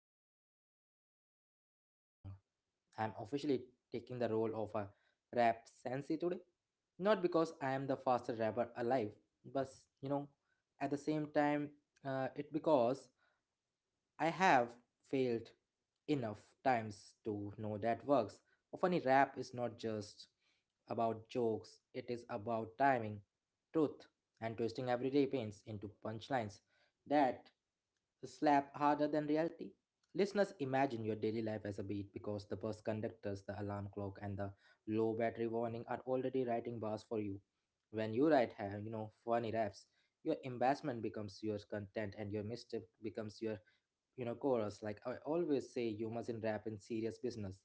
you know, art of writing a funny rap song. I'm officially taking the role of a rap sensei today. Not because I am the fastest rapper alive, but, you know, at the same time, it because I have failed enough times to know that works. Often, a funny rap is not just about jokes, it is about timing, truth, and twisting everyday pains into punchlines that slap harder than reality. Listeners, imagine your daily life as a beat because the bus conductors, the alarm clock, and the low battery warning are already writing bars for you. When you write, you know, funny raps, your embarrassment becomes your content and your misstep becomes your, you know, chorus. Like I always say, you mustn't rap in serious business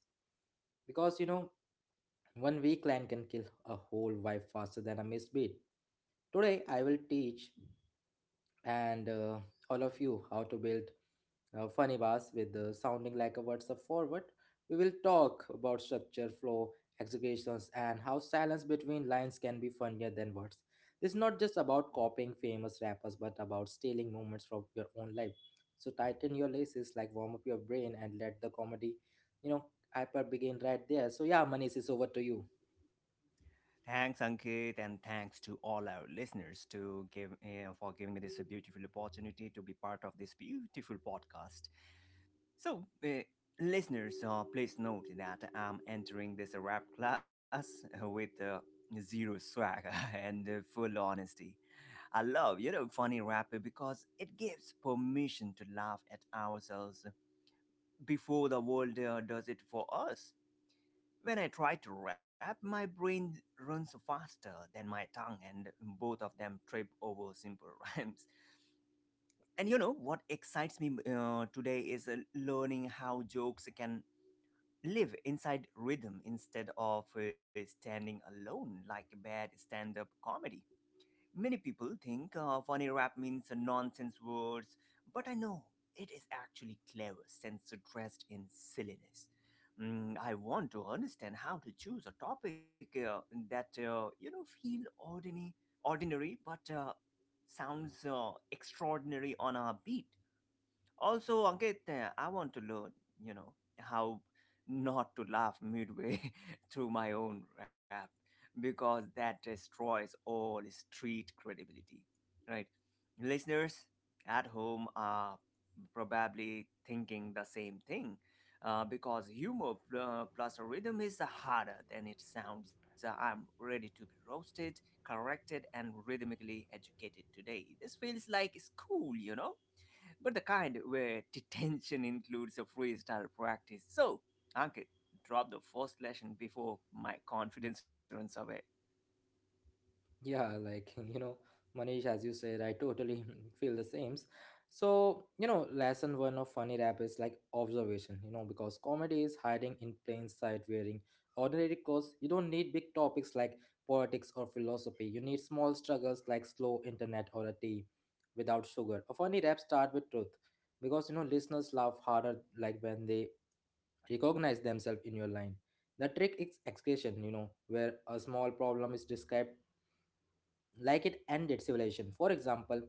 because, you know, one weak line can kill a whole vibe faster than a missed beat. Today I will teach, and all of you how to build funny bars with sounding like a WhatsApp forward. We will talk about structure, flow, executions, and how silence between lines can be funnier than words. This is not just about copying famous rappers, but about stealing moments from your own life. So tighten your laces, like warm up your brain, and let the comedy, you know, hyper begin right there. So yeah, Manish, it's over to you. Thanks, Ankit, and thanks to all our listeners to give for giving me this beautiful opportunity to be part of this beautiful podcast. So, eh, Listeners, please note that I'm entering this rap class with zero swag and full honesty. I love, you know, funny rap because it gives permission to laugh at ourselves before the world does it for us. When I try to rap, my brain runs faster than my tongue, and both of them trip over simple rhymes. And you know what excites me today is learning how jokes can live inside rhythm instead of standing alone like bad stand up comedy. Many people think funny rap means nonsense words, but I know it is actually clever since dressed in silliness. Mm, I want to understand how to choose a topic that you know feel ordinary, but sounds extraordinary on a beat. Also, Ankit, I want to learn, you know, how not to laugh midway through my own rap because that destroys all street credibility, right? Listeners at home are probably thinking the same thing because humor plus a rhythm is harder than it sounds. I'm ready to be roasted, corrected, and rhythmically educated today. This feels like school, you know? But the kind where detention includes a freestyle practice. So, Ankit, drop the first lesson before my confidence runs away. Yeah, like, you know, Manish, as you said, I totally feel the same. So, you know, lesson 1 of funny rap is like observation, you know, because comedy is hiding in plain sight wearing ordinary clothes. You don't need big topics like politics or philosophy. You need small struggles like slow internet or a tea without sugar. A funny rap start with truth because, you know, listeners laugh harder like when they recognize themselves in your line. The trick is excretion, you know, where a small problem is described like it ended civilization. For example,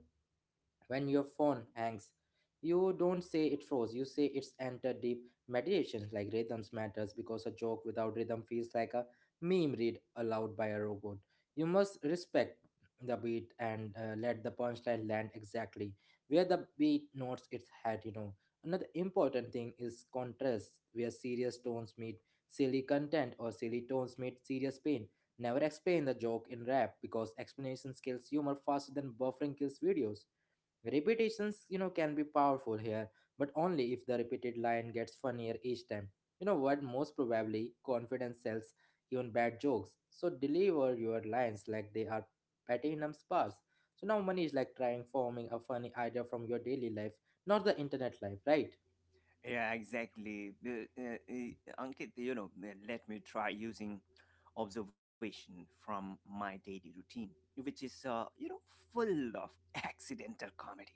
when your phone hangs, you don't say it froze, you say it's entered deep meditations. Like rhythms matters because a joke without rhythm feels like a meme read aloud by a robot. You must respect the beat, and let the punchline land exactly where the beat notes its head, you know. Another important thing is contrast, where serious tones meet silly content or silly tones meet serious pain. Never explain the joke in rap because explanation kills humor faster than buffering kills videos. Repetitions, you know, can be powerful here, but only if the repeated line gets funnier each time. You know what? Most probably, confidence sells even bad jokes. So deliver your lines like they are platinum bars. So now money is like trying forming a funny idea from your daily life, not the internet life, right? Yeah, exactly. Ankit, you know, let me try using observation from my daily routine, which is, you know, full of accidental comedy.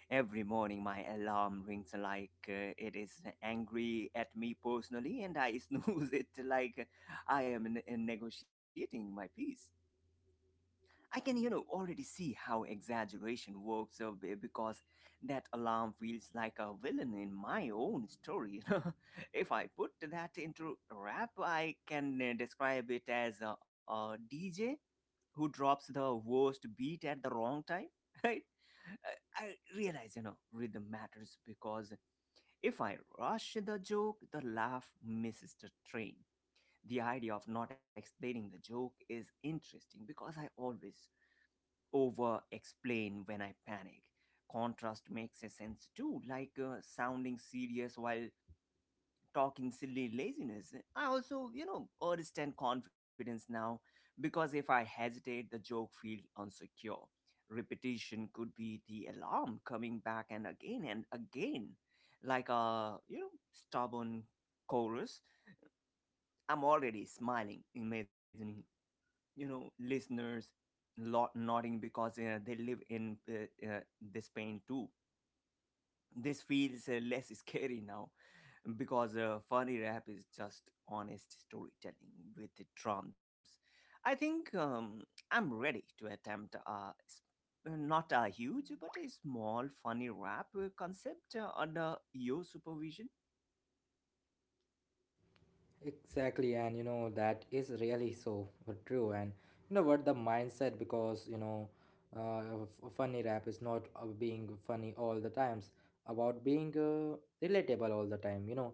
Every morning, my alarm rings like it is angry at me personally, and I snooze it like I am negotiating my peace. I can, you know, already see how exaggeration works because that alarm feels like a villain in my own story. If I put that into rap, I can describe it as a DJ who drops the worst beat at the wrong time, right? I realize, you know, rhythm matters because if I rush the joke, the laugh misses the train. The idea of not explaining the joke is interesting because I always over explain when I panic. Contrast makes a sense too, like sounding serious while talking silly laziness. I also, you know, understand confidence now because if I hesitate, the joke feels insecure. Repetition could be the alarm coming back and again, like a, you know, stubborn chorus. I'm already smiling, imagining you know listeners lot nodding because they live in this pain too. This feels less scary now because funny rap is just honest storytelling with the drums. I think I'm ready to attempt a s- not a huge but a small funny rap concept under your supervision. Exactly, and you know that is really so true. And you know what the mindset, because you know, funny rap is not being funny all the times. About being relatable all the time. You know,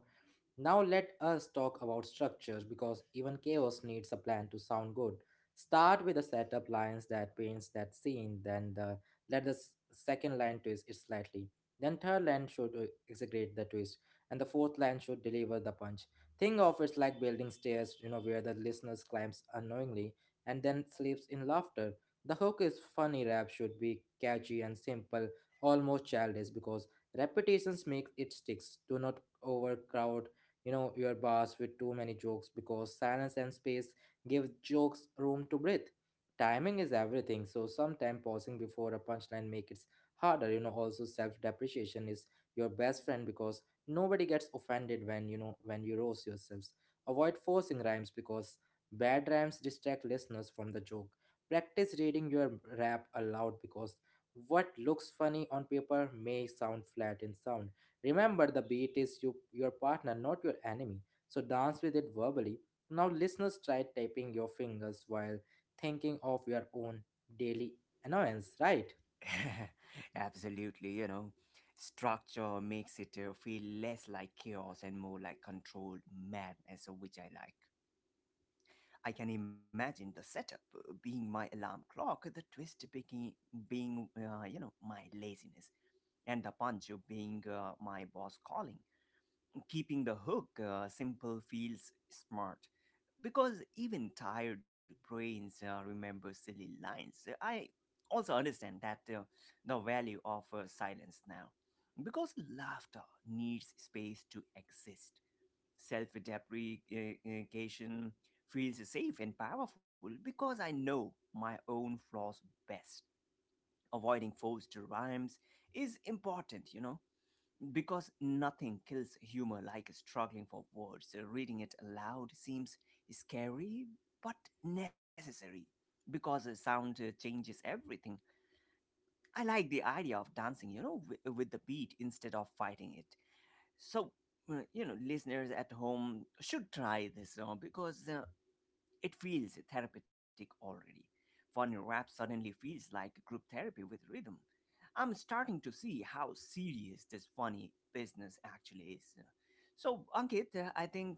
now let us talk about structure because even chaos needs a plan to sound good. Start with a setup lines that paints that scene, then the let the s- second line twist it slightly. Then third line should exaggerate the twist, and the fourth line should deliver the punch. Think of it like building stairs, you know, where the listeners climbs unknowingly and then sleeps in laughter. The hook is funny rap should be catchy and simple, almost childish because repetitions make it sticks. Do not overcrowd, you know, your boss with too many jokes because silence and space give jokes room to breathe. Timing is everything, so sometimes pausing before a punchline makes it harder, you know. Also, self-depreciation is your best friend because nobody gets offended when, you know, when you roast yourselves. Avoid forcing rhymes because bad rhymes distract listeners from the joke. Practice reading your rap aloud because what looks funny on paper may sound flat in sound. Remember, the beat is you, your partner, not your enemy. So dance with it verbally. Now, listeners, try tapping your fingers while thinking of your own daily annoyance, right? Absolutely, you know, structure makes it feel less like chaos and more like controlled madness, which I like. I can imagine the setup being my alarm clock, the twist being, you know, my laziness, and the punch being my boss calling. Keeping the hook simple feels smart because even tired brains remember silly lines. I also understand that the value of silence now because laughter needs space to exist. Self deprecation feels safe and powerful because I know my own flaws best. Avoiding forced rhymes is important, you know, because nothing kills humor like struggling for words. Uh, reading it aloud seems scary but necessary because sound changes everything. I like the idea of dancing, you know, with the beat instead of fighting it. So, you know, listeners at home should try this song because it feels therapeutic already. Funny rap suddenly feels like group therapy with rhythm. I'm starting to see how serious this funny business actually is. So, Ankit, I think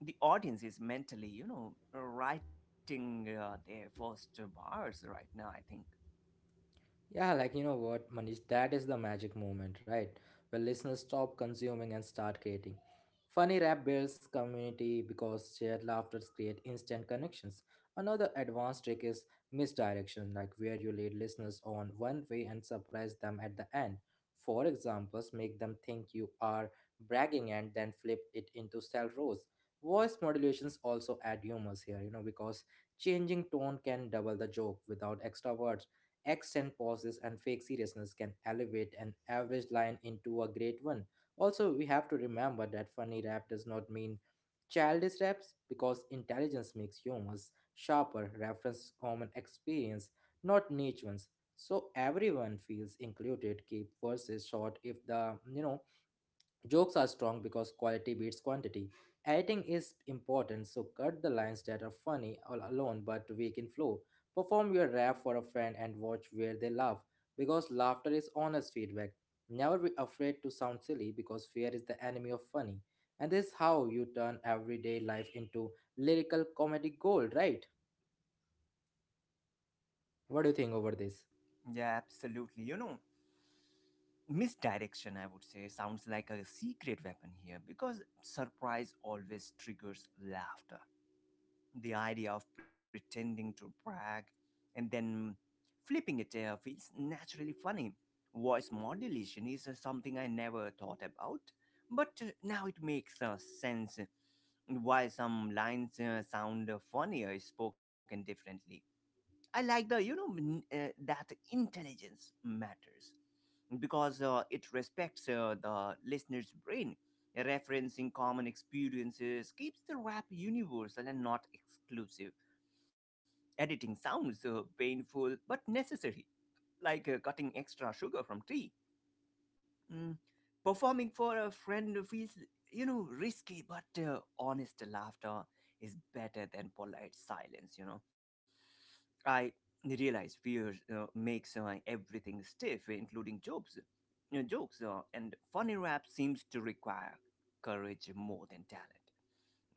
the audience is mentally, you know, writing their first bars right now, I think. Yeah, like, you know what, Manish, that is the magic moment, right? Where listeners stop consuming and start creating. Funny rap builds community because shared laughter create instant connections. Another advanced trick is misdirection, like where you lead listeners on one way and surprise them at the end. For examples, make them think you are bragging and then flip it into self roast. Voice modulations also add humors here, you know, because changing tone can double the joke without extra words. Accent pauses and fake seriousness can elevate an average line into a great one. Also, we have to remember that funny rap does not mean childish raps because intelligence makes humans sharper, reference common experience, not niche ones. So everyone feels included. Keep verses short if the, you know, jokes are strong because quality beats quantity. Editing is important, so cut the lines that are funny all alone but weak in flow. Perform your rap for a friend and watch where they laugh, because laughter is honest feedback. Never be afraid to sound silly because fear is the enemy of funny. And this is how you turn everyday life into lyrical comedy gold, right? What do you think over this? Yeah, absolutely. You know, misdirection, I would say, sounds like a secret weapon here because surprise always triggers laughter. The idea of pretending to brag and then flipping it feels naturally funny. Voice modulation is something I never thought about, but now it makes sense why some lines sound funnier spoken differently. I like the, you know, that intelligence matters because it respects the listener's brain. Referencing common experiences keeps the rap universal and not exclusive. Editing sounds painful but necessary, like cutting extra sugar from tea. Mm, performing for a friend feels, you know, risky, but honest laughter is better than polite silence, you know. I realize fear makes everything stiff, including jokes. Jokes and funny rap seems to require courage more than talent.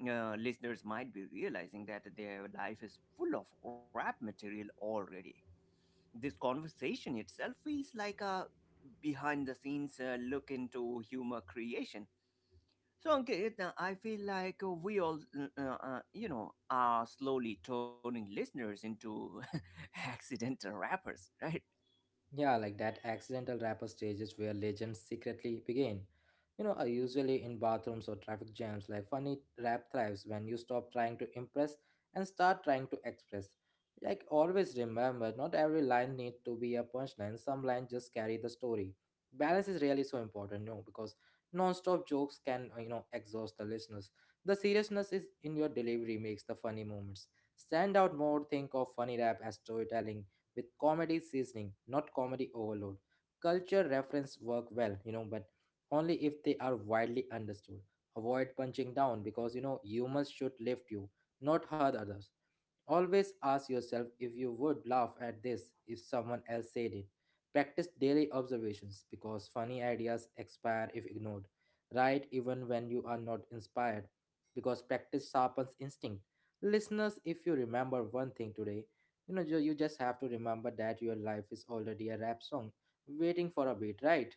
Listeners might be realizing that their life is full of rap material already. This conversation itself feels like a behind the scenes look into humor creation. So, Ankit, I feel like we all, you know, are slowly turning listeners into accidental rappers, right? Yeah, like that accidental rapper stages where legends secretly begin. You know, are usually in bathrooms or traffic jams. Like funny rap thrives when you stop trying to impress and start trying to express. Like always remember, not every line needs to be a punchline. Some lines just carry the story. Balance is really so important, you know, because non-stop jokes can, you know, exhaust the listeners. The seriousness is in your delivery makes the funny moments stand out more. Think of funny rap as storytelling with comedy seasoning, not comedy overload. Culture reference work well, you know, but only if they are widely understood. Avoid punching down because, you know, humor should lift you, not hurt others. Always ask yourself if you would laugh at this if someone else said it. Practice daily observations because funny ideas expire if ignored. Write even when you are not inspired because practice sharpens instinct. Listeners, if you remember one thing today, you know, you just have to remember that your life is already a rap song waiting for a beat, right?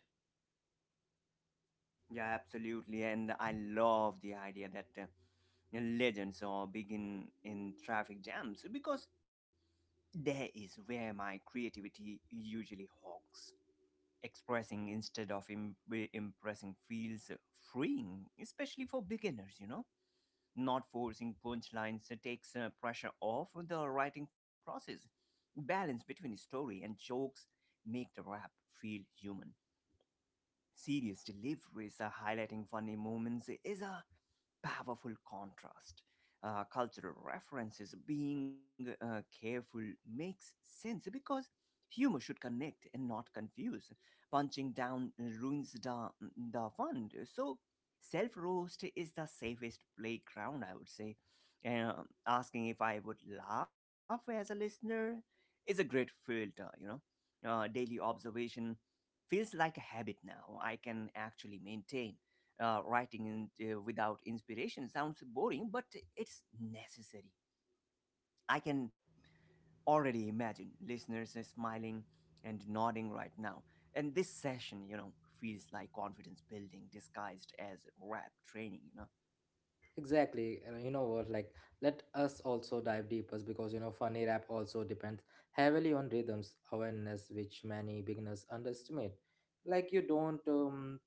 Yeah, absolutely. And I love the idea that legends or begin in traffic jams because there is where my creativity usually hogs. Expressing instead of impressing feels freeing, especially for beginners, you know. Not forcing punchlines takes pressure off the writing process. Balance between story and jokes make the rap feel human. Serious deliveries, highlighting funny moments, is a powerful contrast. Cultural references being careful makes sense because humor should connect and not confuse. Punching down ruins the fun. So, self roast is the safest playground, I would say. Asking if I would laugh as a listener is a great filter, you know. Daily observation feels like a habit now I can actually maintain. Writing in, without inspiration sounds boring, but it's necessary. I can already imagine listeners are smiling and nodding right now. And this session, you know, feels like confidence building disguised as rap training, you know. Exactly. And you know what? Like, let us also dive deeper because, you know, funny rap also depends heavily on rhythms awareness, which many beginners underestimate. Like, you don't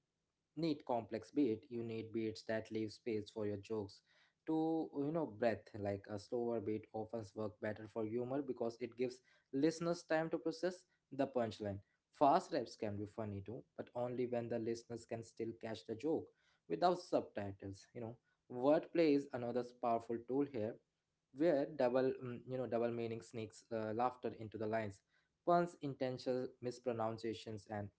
need complex beat, you need beats that leave space for your jokes to, you know, breath. Like a slower beat often work better for humor because it gives listeners time to process the punchline. Fast raps can be funny too, but only when the listeners can still catch the joke without subtitles, you know. Wordplay is another powerful tool here, where you know, double meaning sneaks laughter into the lines. Puns, intentional mispronunciations, and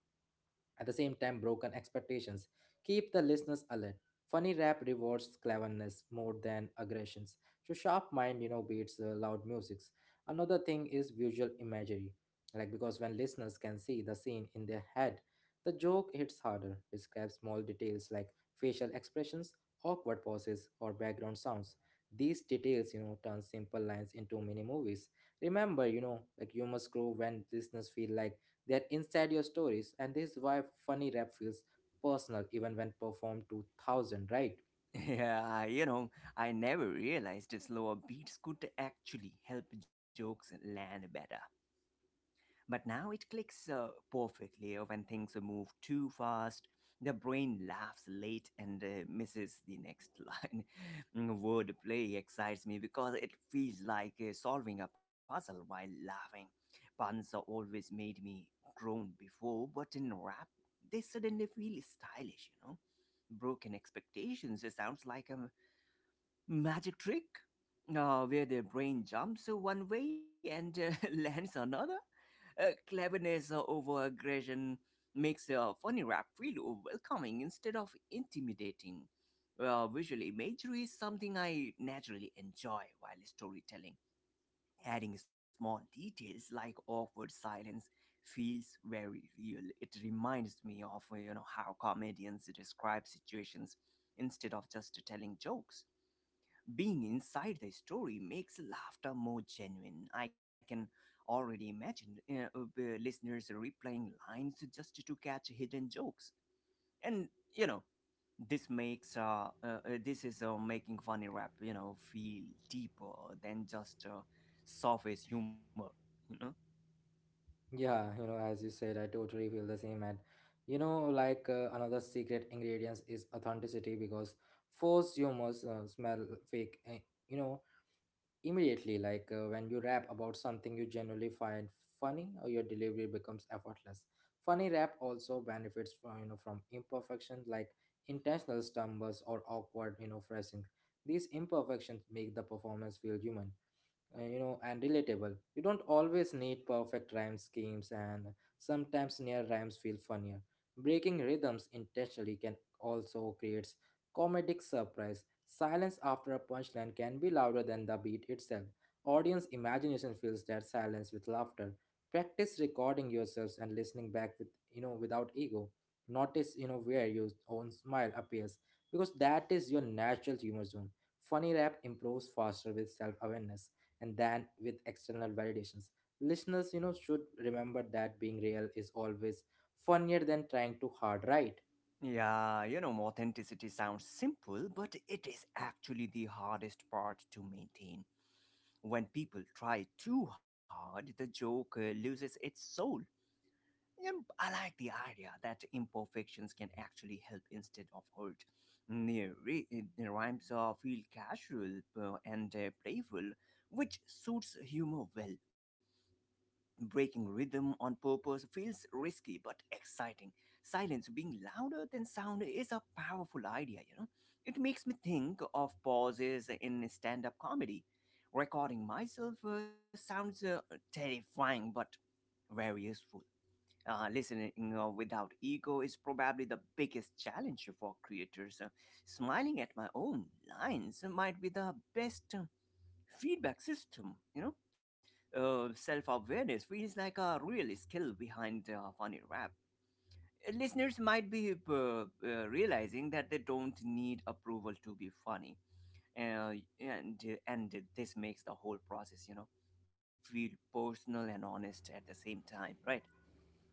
at the same time broken expectations keep the listeners alert. Funny rap rewards cleverness more than aggressions. So sharp mind, you know, beats loud musics. Another thing is visual imagery, like because when listeners can see the scene in their head, the joke hits harder. Describe small details like facial expressions, awkward pauses, or background sounds. These details, you know, turn simple lines into mini movies. Remember, you know, like humor grow when listeners feel like they're inside your stories, and this is why funny rap feels personal even when performed to thousand, right? Yeah, you know, I never realized slower beats could actually help jokes land better. But now it clicks perfectly when things move too fast. The brain laughs late and misses the next line. Wordplay excites me because it feels like solving a puzzle while laughing. Puns always made me groan before, but in rap, they suddenly feel stylish, you know. Broken expectations sounds like a magic trick where their brain jumps one way and lands another. Cleverness over aggression makes a funny rap feel welcoming instead of intimidating. Visual imagery is something I naturally enjoy while storytelling. Adding small details like awkward silence feels very real. It reminds me of you know how comedians describe situations instead of just telling jokes. Being inside the story makes laughter more genuine. I can already imagine listeners replaying lines just to catch hidden jokes. And you know, this makes this is making funny rap you know feel deeper than just surface humor. You know. Yeah, you know, as you said, I totally feel the same. And you know, like, another secret ingredients is authenticity because force you must smell fake, you know, immediately. Like, when you rap about something you generally find funny, or your delivery becomes effortless. Funny rap also benefits from, you know, from imperfection, like intentional stumbles or awkward, you know, phrasing. These imperfections make the performance feel human, you know, and relatable. You don't always need perfect rhyme schemes, and sometimes near rhymes feel funnier. Breaking rhythms intentionally can also creates comedic surprise. Silence after a punchline can be louder than the beat itself. Audience imagination fills that silence with laughter. Practice recording yourselves and listening back with, you know, without ego. Notice, you know, where your own smile appears because that is your natural humor zone. Funny rap improves faster with self awareness and than with external validations. Listeners, you know, should remember that being real is always funnier than trying too hard, right? Yeah, you know, authenticity sounds simple, but it is actually the hardest part to maintain. When people try too hard, the joke loses its soul. And I like the idea that imperfections can actually help instead of hurt. Mm, re- Rhymes feel casual and playful, which suits humor well. Breaking rhythm on purpose feels risky but exciting. Silence being louder than sound is a powerful idea, you know. It makes me think of pauses in stand up comedy. Recording myself sounds terrifying but very useful. Listening without ego is probably the biggest challenge for creators. Smiling at my own lines might be the best feedback system, you know? Self awareness feels like a real skill behind funny rap. Listeners might be realizing that they don't need approval to be funny. Uh, and, and this makes the whole process, you know, feel personal and honest at the same time, right?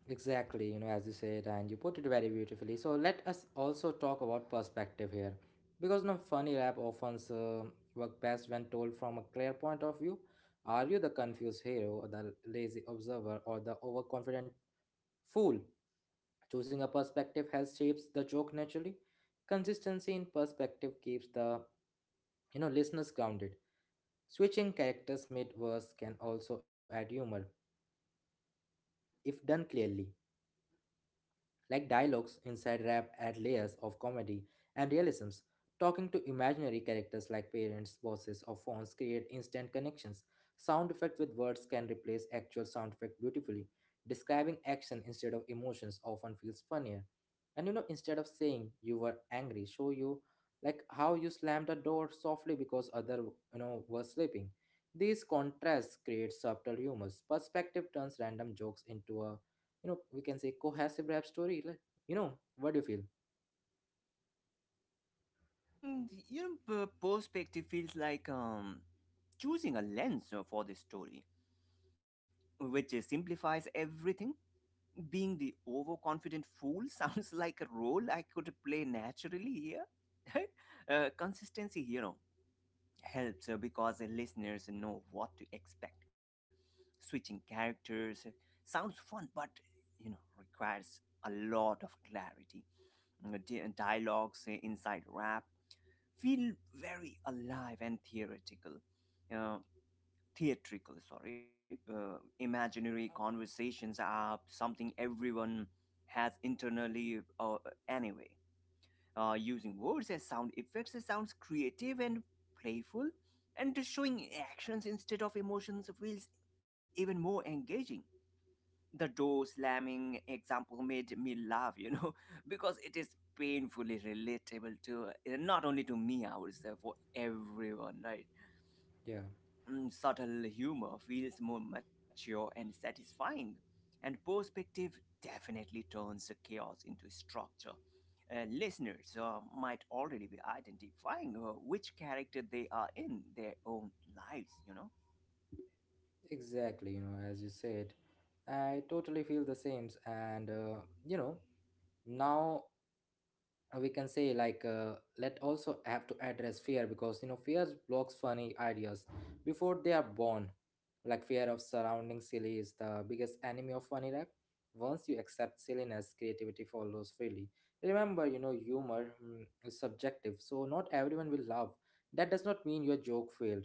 Exactly, you know, as you said, and you put it very beautifully. So let us also talk about perspective here, because no funny rap often work best when told from a clear point of view. Are you the confused hero, or the lazy observer, or the overconfident fool. Choosing a perspective helps shapes the joke naturally. Consistency in perspective keeps the listeners grounded. Switching characters mid-verse can also add humor if done clearly. Like dialogues inside rap add layers of comedy and realisms. Talking to imaginary characters like parents, bosses, or phones create instant connections. Sound effect with words can replace actual sound effect beautifully. Describing action instead of emotions often feels funnier. And you know, instead of saying you were angry, show you, like how you slammed the door softly because other were sleeping. These contrasts create subtle humors. Perspective turns random jokes into a, you know, we can say cohesive rap story, like, you know, what do you feel? Your perspective feels like choosing a lens for the story, which simplifies everything. Being the overconfident fool sounds like a role I could play naturally here. Right? Consistency hero helps because the listeners know what to expect. Switching characters sounds fun, but you know requires a lot of clarity. Dialogues inside rap feel very alive and theoretical. Uh, theatrical, sorry. Imaginary conversations are something everyone has internally anyway. Using words as sound effects, it sounds creative and playful, and showing actions instead of emotions feels even more engaging. The door slamming example made me laugh, because it is painfully relatable to not only to me, I would say, for everyone, right? Yeah, Subtle humor feels more mature and satisfying, and perspective definitely turns chaos into structure. Listeners might already be identifying which character they are in their own lives. exactly, you know, as you said, I totally feel the same. And you know, now, we can say, like, let also have to address fear, because you know fear blocks funny ideas before they are born. Like fear of surrounding silly is the biggest enemy of funny rap. Once you accept silliness, creativity follows freely. Remember, you know, humor is subjective, so not everyone will laugh. That does not mean your joke failed.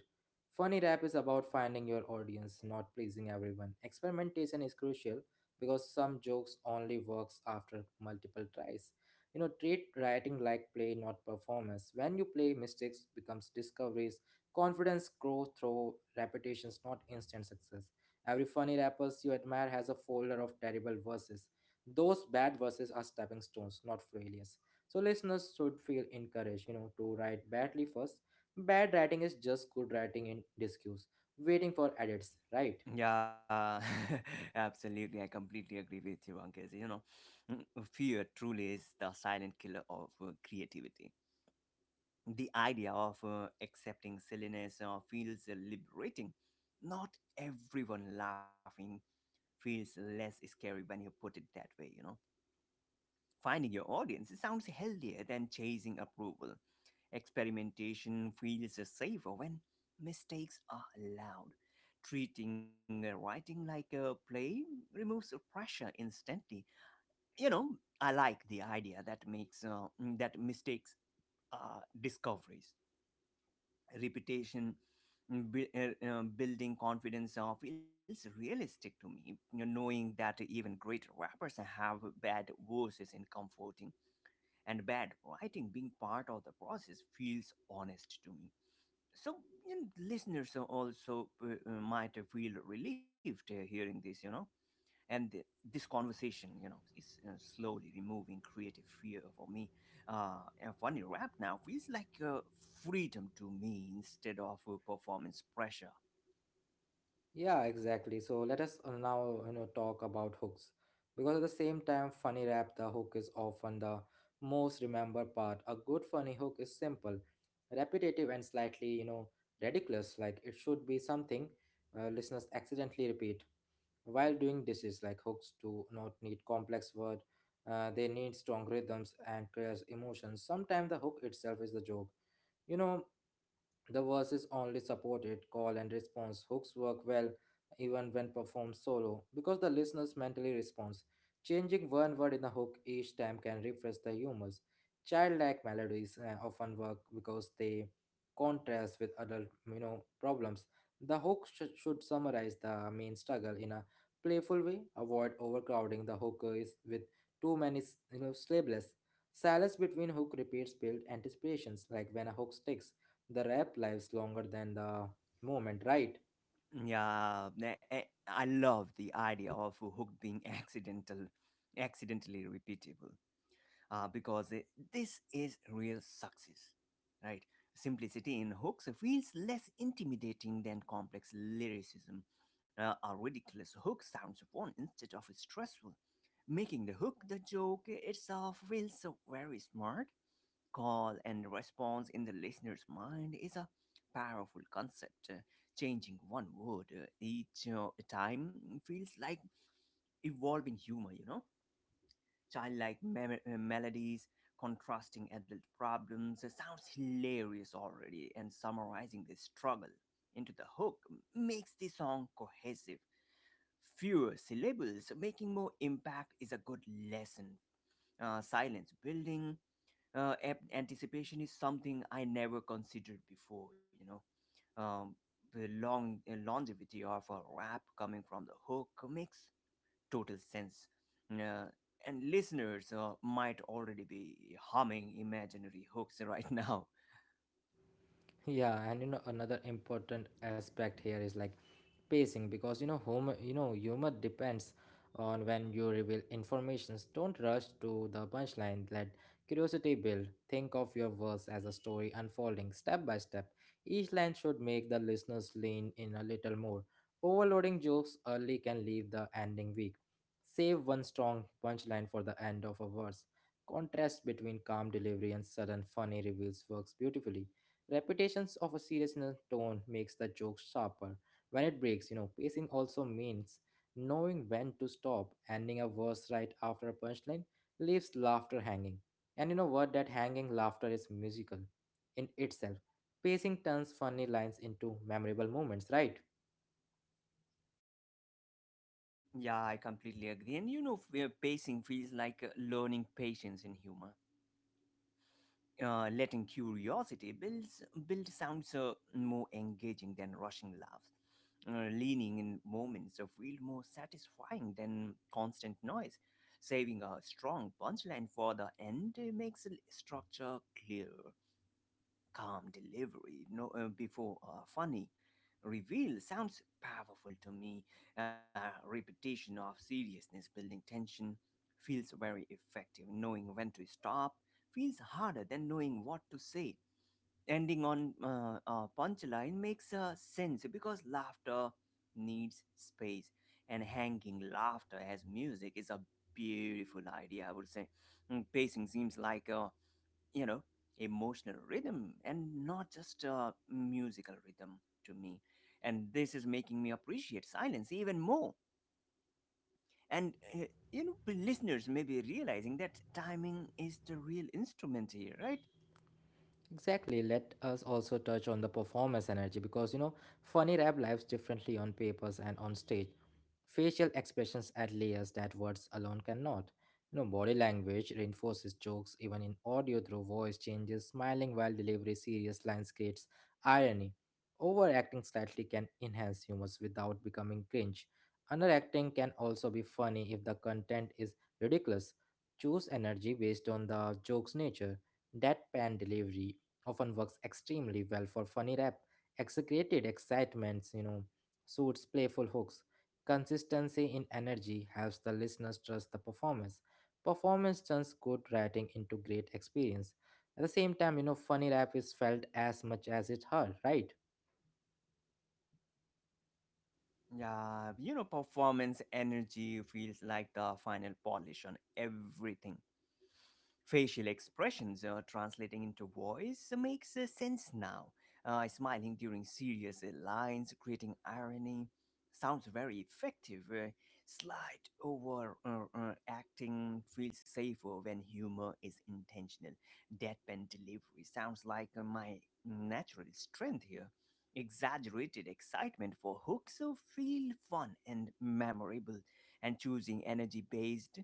Funny rap is about finding your audience, not pleasing everyone. Experimentation is crucial because some jokes only works after multiple tries. You know, treat writing like play, not performance. When you play, mistakes becomes discoveries. Confidence grows through repetitions, not instant success. Every funny rappers you admire has a folder of terrible verses. Those bad verses are stepping stones, not failures. So listeners should feel encouraged, you know, to write badly first. Bad writing is just good writing in disguise, waiting for edits, right? Yeah, absolutely. I completely agree with you, Ankit. You know, fear truly is the silent killer of creativity. The idea of accepting silliness feels liberating. Not everyone laughing feels less scary when you put it that way. Finding your audience sounds healthier than chasing approval. Experimentation feels safer when mistakes are allowed. Treating writing like a play removes pressure instantly. You know, I like the idea that that mistakes are discoveries. Reputation building confidence feels realistic to me. You know, knowing that even great rappers have bad verses in comforting and bad writing being part of the process feels honest to me. So, and listeners are also might feel relieved hearing this, and this conversation, is slowly removing creative fear for me. And funny rap now feels like freedom to me instead of performance pressure. Yeah, exactly. So let us now, you know, talk about hooks. Because at the same time, funny rap, the hook is often the most remembered part. A good funny hook is simple, repetitive, and slightly, you know, ridiculous. Like it should be something, listeners accidentally repeat while doing dishes. Like hooks do not need complex word. They need strong rhythms and clear emotions. Sometimes the hook itself is the joke. You know, the verses only supported. Call and response hooks work well even when performed solo because the listener's mentally responds. Changing one word in a hook each time can refresh the humors. Childlike melodies often work because they contrast with adult, you know, problems. The hook should summarize the main struggle in a playful way. Avoid overcrowding the hook is with too many, you know, syllables. Silence between hook repeats build anticipations, like when a hook sticks, the rap lives longer than the moment, right? Yeah, I love the idea of a hook being accidental, accidentally repeatable, because this is real success, right? Simplicity in hooks feels less intimidating than complex lyricism. A ridiculous hook sounds fun instead of stressful, making the hook the joke itself feels so very smart. Call and response in the listener's mind is a powerful concept. Changing one word each time feels like evolving humor, you know? Childlike melodies, contrasting adult problems sounds hilarious already, and summarizing the struggle into the hook makes the song cohesive. Fewer syllables making more impact is a good lesson. Silence building anticipation is something I never considered before. Um, the long longevity of a rap coming from the hook makes total sense, uh, and listeners might already be humming imaginary hooks right now. Yeah, and you know another important aspect here is like pacing, because you know humor depends on when you reveal informations. Don't rush to the punchline. Let curiosity build. Think of your verse as a story unfolding step by step. Each line should make the listeners lean in a little more. Overloading jokes early can leave the ending weak. Save one strong punchline for the end of a verse. Contrast between calm delivery and sudden funny reveals works beautifully. Repetitions of a seriousness tone makes the joke sharper. When it breaks, you know, pacing also means knowing when to stop. Ending a verse right after a punchline leaves laughter hanging. And you know what? That hanging laughter is musical in itself. Pacing turns funny lines into memorable moments, right? Yeah, I completely agree. And you know, pacing feels like learning patience in humor. Letting curiosity build sounds more engaging than rushing laughs. Leaning in moments feel more satisfying than constant noise. Saving a strong punchline for the end makes structure clear. Calm delivery no, before a funny reveal sounds powerful to me. Uh, repetition of seriousness building tension feels very effective. Knowing when to stop feels harder than knowing what to say. Ending on a punchline makes sense because laughter needs space, and hanging laughter as music is a beautiful idea, I would say. Pacing seems like a you know emotional rhythm and not just a musical rhythm to me, and this is making me appreciate silence even more. And the listeners may be realizing that timing is the real instrument here, right? Exactly. Let us also touch on the performance energy, because you know, funny rap lives differently on papers and on stage. Facial expressions add layers that words alone cannot. You know, body language reinforces jokes even in audio through voice changes. Smiling while delivery serious lines creates irony. Overacting slightly can enhance humor without becoming cringe. Underacting can also be funny if the content is ridiculous. Choose energy based on the joke's nature. Deadpan delivery often works extremely well for funny rap. Exaggerated excitements, you know, suits playful hooks. Consistency in energy helps the listeners trust the performance. Performance turns good writing into great experience. At the same time, you know, funny rap is felt as much as it heard, right? Yeah, you know, performance energy feels like the final polish on everything. Facial expressions translating into voice makes sense now. Smiling during serious lines, creating irony, sounds very effective. Slight over acting feels safer when humor is intentional. Deadpan delivery sounds like my natural strength here. Exaggerated excitement for hooks feel fun and memorable, and choosing energy based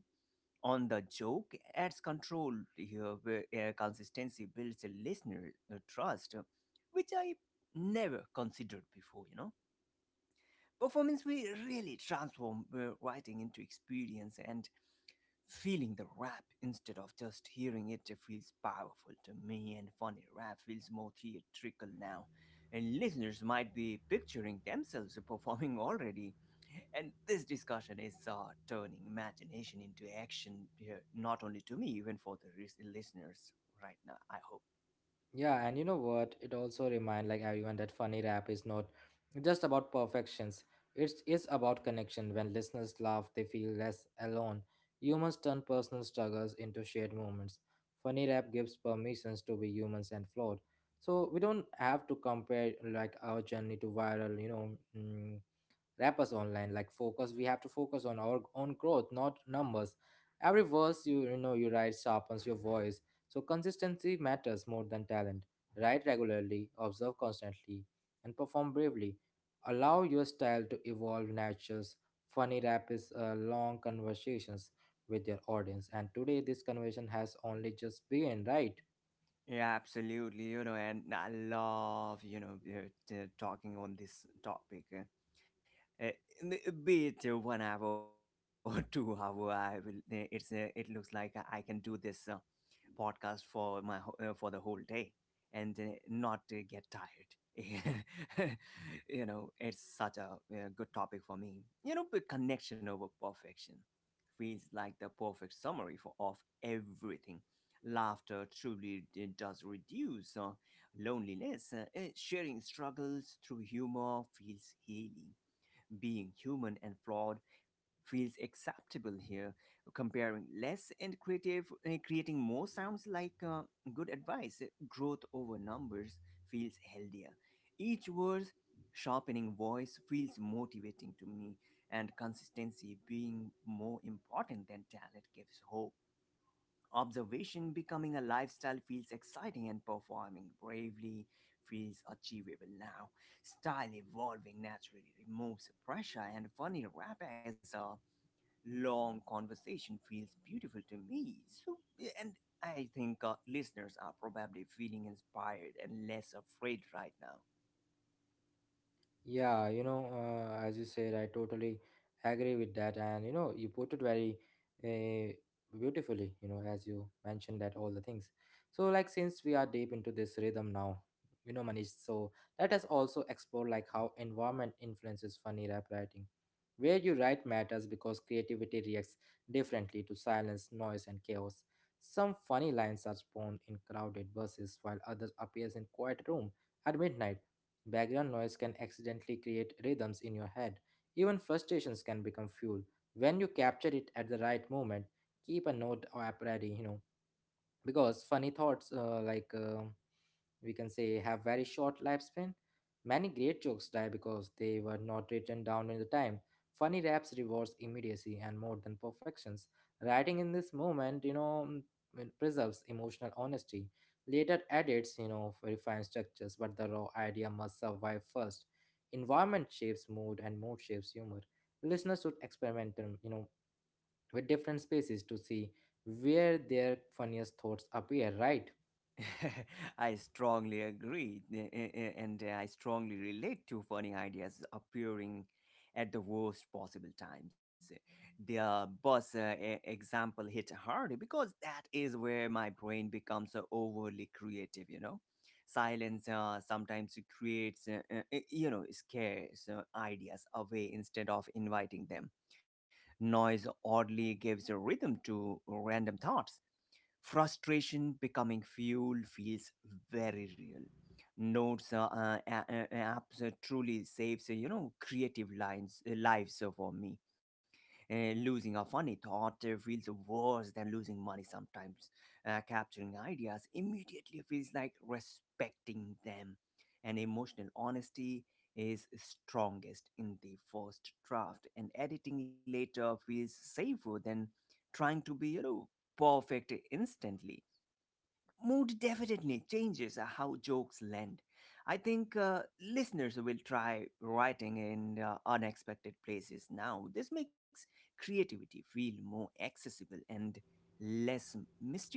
on the joke adds control here, where consistency builds a listener trust, which I never considered before. You know, performance we really transform writing into experience and. Feeling the rap instead of just hearing it feels powerful to me, and funny rap feels more theatrical now. And listeners might be picturing themselves performing already. And this discussion is turning imagination into action here, not only to me, even for the listeners right now, I hope. Yeah, and you know what? It also remind like everyone that funny rap is not just about perfections. It's about connection. When listeners laugh, they feel less alone. Humans turn personal struggles into shared moments. Funny rap gives permissions to be humans and flawed. So we don't have to compare like our journey to viral, you know, rappers online. Like focus, we have to focus on our own growth, not numbers. Every verse you know, you write sharpens your voice. So consistency matters more than talent. Write regularly, observe constantly, and perform bravely. Allow your style to evolve natures. Funny rap is long conversations with your audience, and today this conversation has only just begun, right? Yeah, absolutely. You know, and I love, you know, talking on this topic. Uh, n- be it 1 hour or 2 hour, I will it's it looks like I can do this podcast for my for the whole day and not get tired. You know, it's such a good topic for me. You know, but connection over perfection feels like the perfect summary for of everything. Laughter truly does reduce loneliness. Sharing struggles through humor feels healing. Being human and flawed feels acceptable here. Comparing less and creating more sounds like good advice. Growth over numbers feels healthier. Each word sharpening voice feels motivating to me, and consistency being more important than talent gives hope. Observation becoming a lifestyle feels exciting, and performing bravely feels achievable now. Style evolving naturally removes pressure, and funny rap as a long conversation feels beautiful to me. So, and I think listeners are probably feeling inspired and less afraid right now. Yeah, you know, as you said, I totally agree with that. And, you know, you put it very uh, beautifully, you know, as you mentioned that all the things. So, like, since we are deep into this rhythm now, you know, Manish, so let us also explore like how environment influences funny rap writing. Where you write matters because creativity reacts differently to silence, noise, and chaos. Some funny lines are spawned in crowded buses, while others appears in quiet room at midnight. Background noise can accidentally create rhythms in your head. Even frustrations can become fuel when you capture it at the right moment. Keep a note or app ready, you know, because funny thoughts, we can say have very short lifespan. Many great jokes die because they were not written down in the time. Funny raps rewards immediacy and more than perfections. Writing in this moment, you know, it preserves emotional honesty. Later edits, you know, refine structures, but the raw idea must survive first. Environment shapes mood and mood shapes humor. Listeners should experiment, you know, with different spaces to see where their funniest thoughts appear, right? I strongly agree, and I strongly relate to funny ideas appearing at the worst possible times. The bus example hit hard because that is where my brain becomes overly creative. Silence sometimes creates, eh, you know, scares ideas away instead of inviting them. Noise oddly gives a rhythm to random thoughts. Frustration becoming fuel feels very real. Notes apps truly saves creative lines lives for me. Losing a funny thought feels worse than losing money sometimes. Capturing ideas immediately feels like respecting them. And emotional honesty is strongest in the first draft, and editing later feels safer than trying to be, you know, perfect instantly. Mood definitely changes how jokes land. I think listeners will try writing in unexpected places now. This makes creativity feel more accessible and less mystical.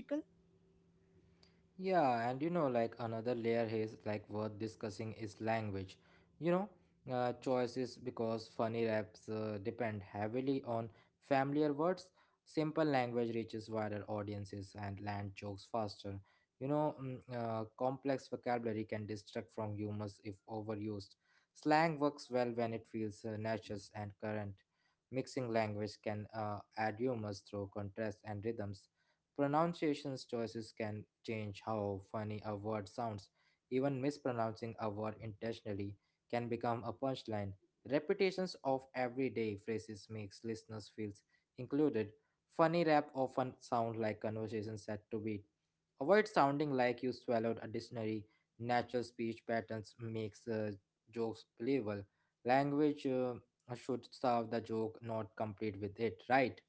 Yeah, and you know, like another layer is like worth discussing is language. You know, choices, because funny raps depend heavily on familiar words. Simple language reaches wider audiences and land jokes faster. You know, complex vocabulary can distract from humors if overused. Slang works well when it feels natural and current. Mixing language can add humors through contrast and rhythms. Pronunciation choices can change how funny a word sounds. Even mispronouncing a word intentionally can become a punchline. Repetitions of everyday phrases makes listeners feel included. Funny rap often sound like conversations set to beat. Avoid sounding like you swallowed a dictionary. Natural speech patterns makes jokes believable. Language should serve the joke, not complete with it, right?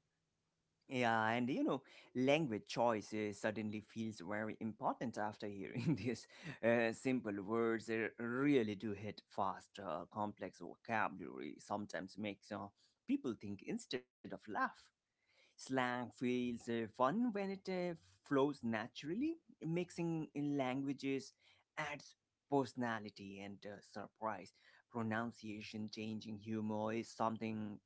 Yeah, and you know, language choice suddenly feels very important after hearing this. Simple words really do hit fast. Complex vocabulary sometimes makes people think instead of laugh. Slang feels fun when it flows naturally. Mixing languages adds personality and surprise. Pronunciation changing humor is something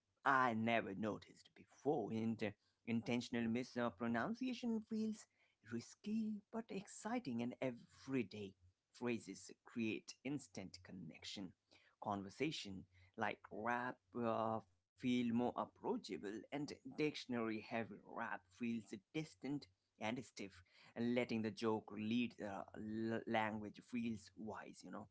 I never noticed before, and intentional mispronunciation feels risky but exciting, and everyday phrases create instant connection. Conversation like rap feel more approachable, and dictionary heavy rap feels distant and stiff, and letting the joke lead the language feels wise,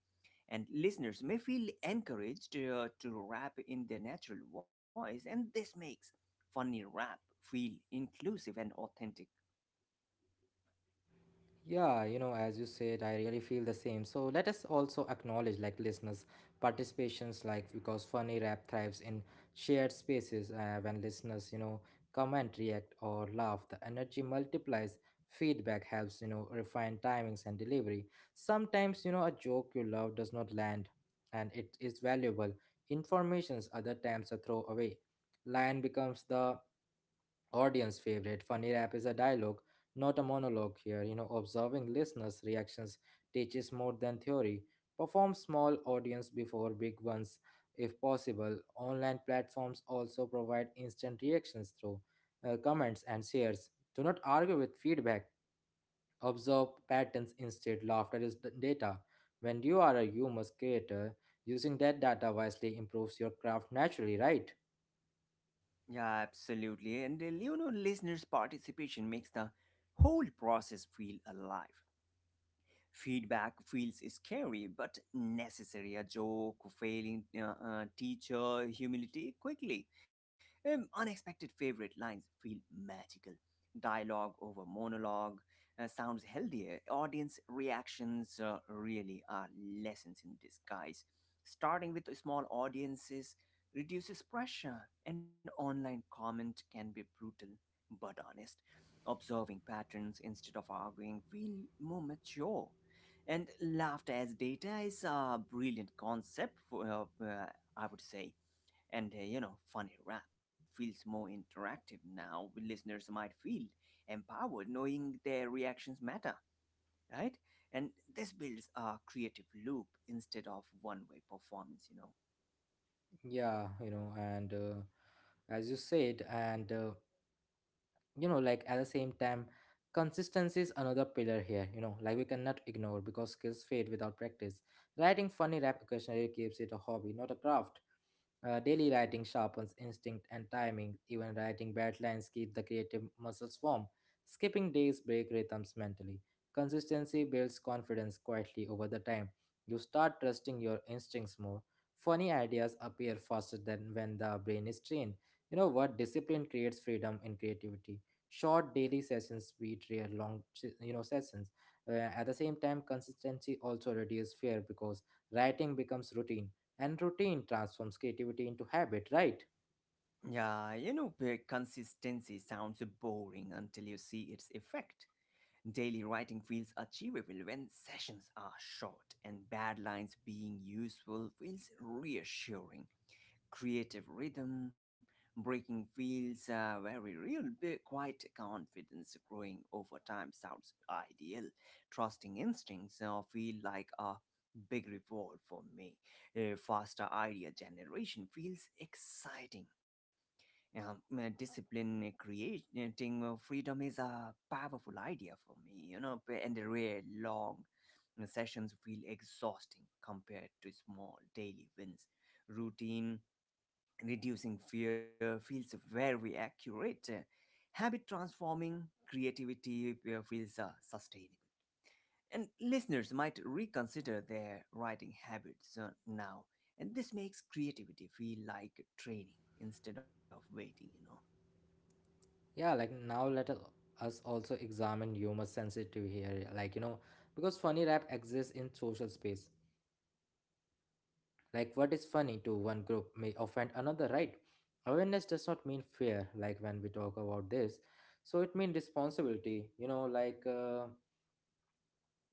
and listeners may feel encouraged to rap in their natural voice, and this makes funny rap feel inclusive and authentic. Yeah, you know, as you said, I really feel the same. So let us also acknowledge like listeners' participations, like because funny rap thrives in shared spaces. When listeners, you know, comment, react, or laugh, the energy multiplies. Feedback helps, you know, refine timings and delivery. Sometimes, you know, a joke you love does not land, and it is valuable. Informations other times a throwaway line becomes the audience favorite. Funny rap is a dialogue, not a monologue here. You know, observing listeners' reactions teaches more than theory. Perform small audience before big ones if possible. Online platforms also provide instant reactions through comments and shares. Do not argue with feedback. Observe patterns instead. Laughter is data. When you are a humorous creator, using that data wisely improves your craft naturally, right? Yeah, absolutely. And you know, listeners' participation makes the whole process feel alive. Feedback feels scary but necessary. A joke, failing teacher, humility quickly. Unexpected favorite lines feel magical. Dialogue over monologue sounds healthier. Audience reactions really are lessons in disguise. Starting with small audiences reduces pressure, and online comment can be brutal but honest. Observing patterns instead of arguing feel more mature, and laughter as data is a brilliant concept, I would say. And you know, funny rap feels more interactive now. Listeners might feel empowered knowing their reactions matter, right? And this builds a creative loop instead of one way performance. Yeah, you know, and as you said, and you know, like at the same time, consistency is another pillar here, you know, like we cannot ignore, because skills fade without practice. Writing funny rap occasionally keeps it a hobby, not a craft. Daily writing sharpens instinct and timing. Even writing bad lines keep the creative muscles warm. Skipping days break rhythms mentally. Consistency builds confidence quietly over the time. You start trusting your instincts more. Funny ideas appear faster than when the brain is trained. You know what, discipline creates freedom in creativity. Short daily sessions beat rare long you know, sessions. At the same time, consistency also reduces fear because writing becomes routine, and routine transforms creativity into habit, right? Yeah, you know, consistency sounds boring until you see its effect. Daily writing feels achievable when sessions are short, and bad lines being useful feels reassuring. Creative rhythm breaking feels very real, but quite confidence growing over time sounds ideal. Trusting instincts feel like a big reward for me. Faster idea generation feels exciting. Discipline creating freedom is a powerful idea for me, you know, and the real long sessions feel exhausting compared to small daily wins. Routine reducing fear feels very accurate. Habit transforming creativity feels sustainable. And listeners might reconsider their writing habits now, and this makes creativity feel like training instead of waiting. Yeah, like now, us also examine humor sensitive here, like, you know, because funny rap exists in social space. Like, what is funny to one group may offend another, right? Awareness does not mean fear, like when we talk about this, so it means responsibility, you know, like uh,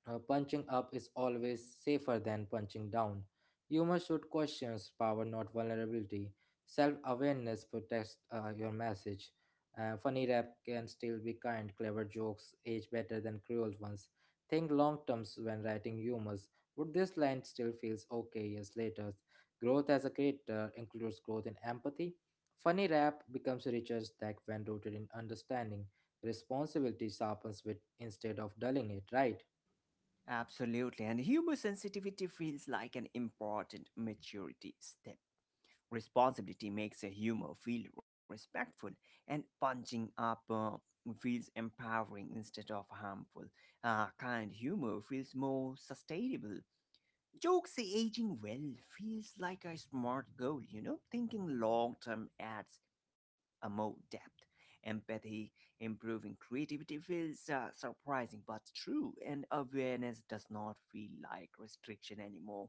uh, punching up is always safer than punching down. Humor should question power, not vulnerability. Self awareness protects your message. Funny rap can still be kind, clever jokes age better than cruel ones. Think long terms when writing humors. Would this line still feels okay years later? Growth as a creator includes growth in empathy. Funny rap becomes richer stack when rooted in understanding. Responsibility sharpens wit instead of dulling it, right? Absolutely. And humor sensitivity feels like an important maturity step. Responsibility makes a humor feel respectful, and punching up feels empowering instead of harmful. Kind humor feels more sustainable. Jokes aging well feels like a smart goal, you know? Thinking long term adds a more depth. Empathy, improving creativity feels surprising but true, and awareness does not feel like restriction anymore.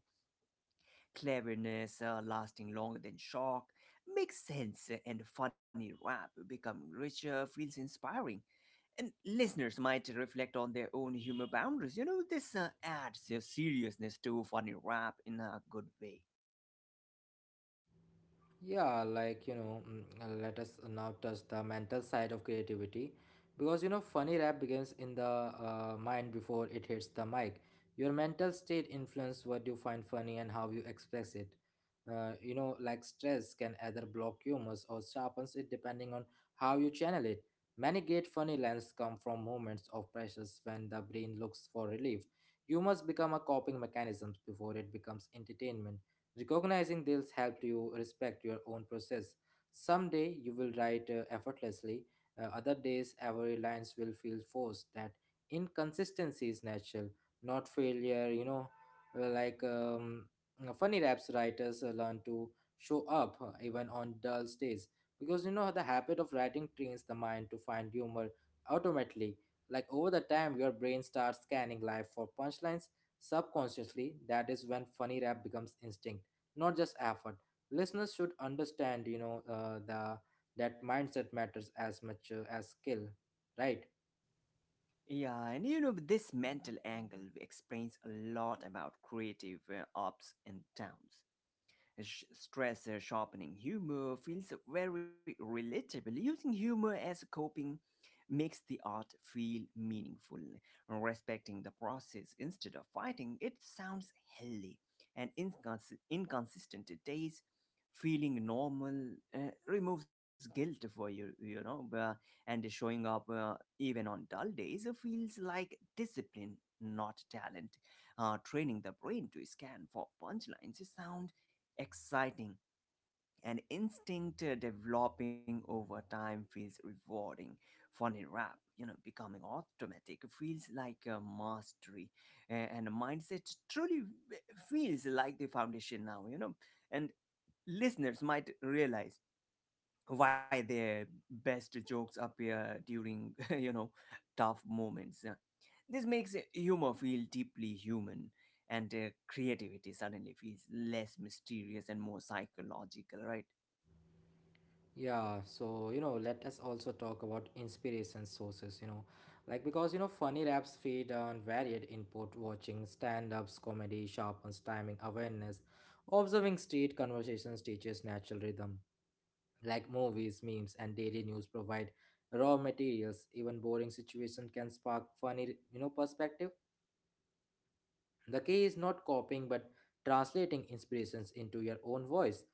Cleverness, lasting longer than shock, makes sense, and funny rap becoming richer feels inspiring. And listeners might reflect on their own humor boundaries. You know, this adds a seriousness to funny rap in a good way. Yeah, like, you know, let us now touch the mental side of creativity, because, you know, funny rap begins in the mind before it hits the mic. Your mental state influences what you find funny and how you express it. You know, like stress can either block humor or sharpens it depending on how you channel it. Many great funny lines come from moments of pressures when the brain looks for relief. Humors become a coping mechanism before it becomes entertainment. Recognizing this helped you respect your own process. Someday you will write effortlessly, other days every lines will feel forced. That inconsistency is natural, not failure. You know, Uh, like um, funny raps writers learn to show up even on dull days, because, you know, the habit of writing trains the mind to find humor automatically. Like over the time, your brain starts scanning life for punchlines subconsciously. That is when funny rap becomes instinct, not just effort. Listeners should understand, you know, the that mindset matters as much as skill, right? Yeah, and you know, this mental angle explains a lot about creative ups and downs. Stress sharpening. Humor feels very relatable. Using humor as a coping makes the art feel meaningful. Respecting the process instead of fighting it sounds healthy. And inconsistent days feeling normal uh, removes guilt for you, and showing up even on dull days feels like discipline, not talent. Training the brain to scan for punchlines sound exciting. An instinct developing over time feels rewarding. Funny rap, you know, becoming automatic feels like a mastery. A- and a mindset truly w- Feels like the foundation now, you know. And listeners might realize why their best jokes appear during, you know, tough moments. This makes humor feel deeply human, and creativity suddenly feels less mysterious and more psychological, right? Yeah, so, you know, let us also talk about inspiration sources, you know, like, because, you know, funny raps feed on varied input. Watching stand-ups comedy sharpens timing awareness. Observing street conversations teaches natural rhythm. Like movies, memes, and daily news provide raw materials. Even boring situation can spark funny, you know, perspective. The key is not copying, but translating inspirations into your own voice.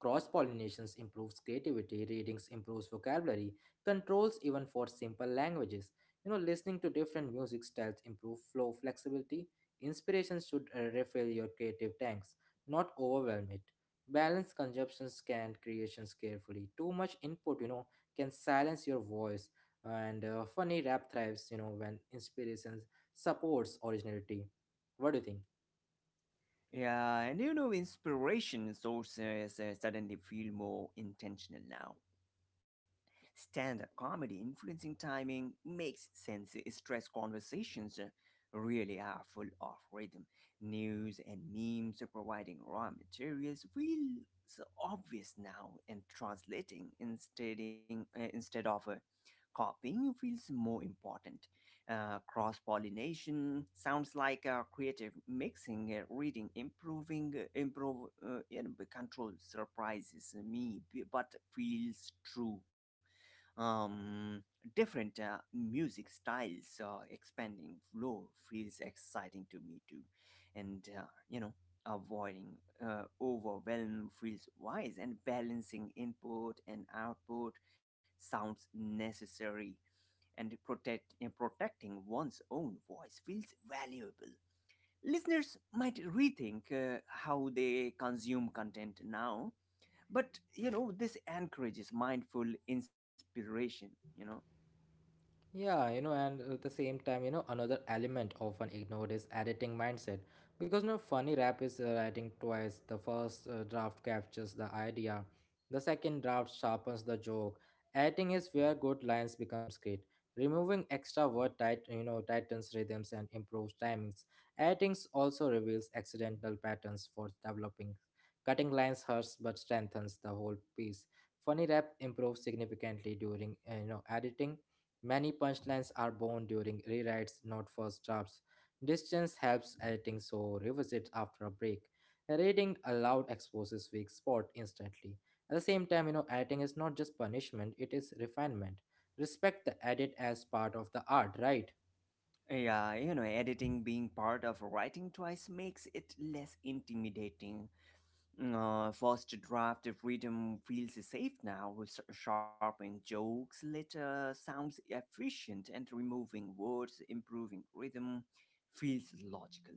Cross pollinations improves creativity, readings improves vocabulary, controls even for simple languages. You know, listening to different music styles improve flow flexibility. Inspirations should refill your creative tanks, not overwhelm it. Balance consumptions and creations carefully. Too much input, you know, can silence your voice. And funny rap thrives, you know, when inspirations supports originality. What do you think? Yeah, and you know, inspiration sources suddenly feel more intentional now. Stand up comedy influencing timing makes sense. Stress conversations really are full of rhythm. News and memes are providing raw materials feels obvious now, and translating instead of copying feels more important. Cross pollination sounds like creative mixing, reading, improv, you know, control surprises me, but feels true. um, Different music styles expanding flow feels exciting to me too, and you know, avoiding overwhelm feels wise, and balancing input and output sounds necessary, and protecting one's own voice feels valuable. Listeners might rethink how they consume content now, but you know, this encourages mindful inspiration, you know. Yeah, you know, and at the same time, you know, another element often ignored is editing mindset. Because, you know, funny rap is writing twice. The first draft captures the idea, the second draft sharpens the joke. Editing is where good lines becomes great. Removing extra word tight, you know, tightens rhythms and improves timings. Editing also reveals accidental patterns for developing. Cutting lines hurts but strengthens the whole piece. Funny rap improves significantly during, you know, editing. Many punchlines are born during rewrites, not first drafts. Distance helps editing, so revisit after a break. Reading aloud exposes weak spot instantly. At the same time, you know, editing is not just punishment, it is refinement. Respect the edit as part of the art, right? Yeah, you know, editing being part of writing twice makes it less intimidating. First draft freedom feels safe now. Sharpening jokes later sounds efficient, and removing words improving rhythm feels logical.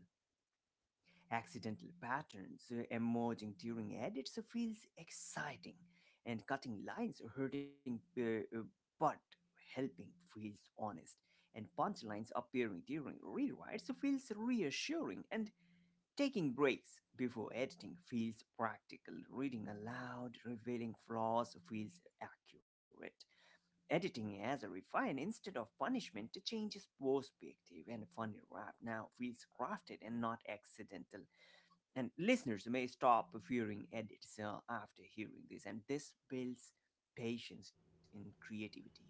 Accidental patterns emerging during edits feels exciting, and cutting lines hurting but helping feels honest, and punchlines appearing during rewrites feels reassuring, and taking breaks before editing feels practical. Reading aloud, revealing flaws feels accurate. Editing as a refine instead of punishment changes perspective, and funny rap now feels crafted and not accidental, and listeners may stop fearing edits after hearing this, and this builds patience in creativity, you know.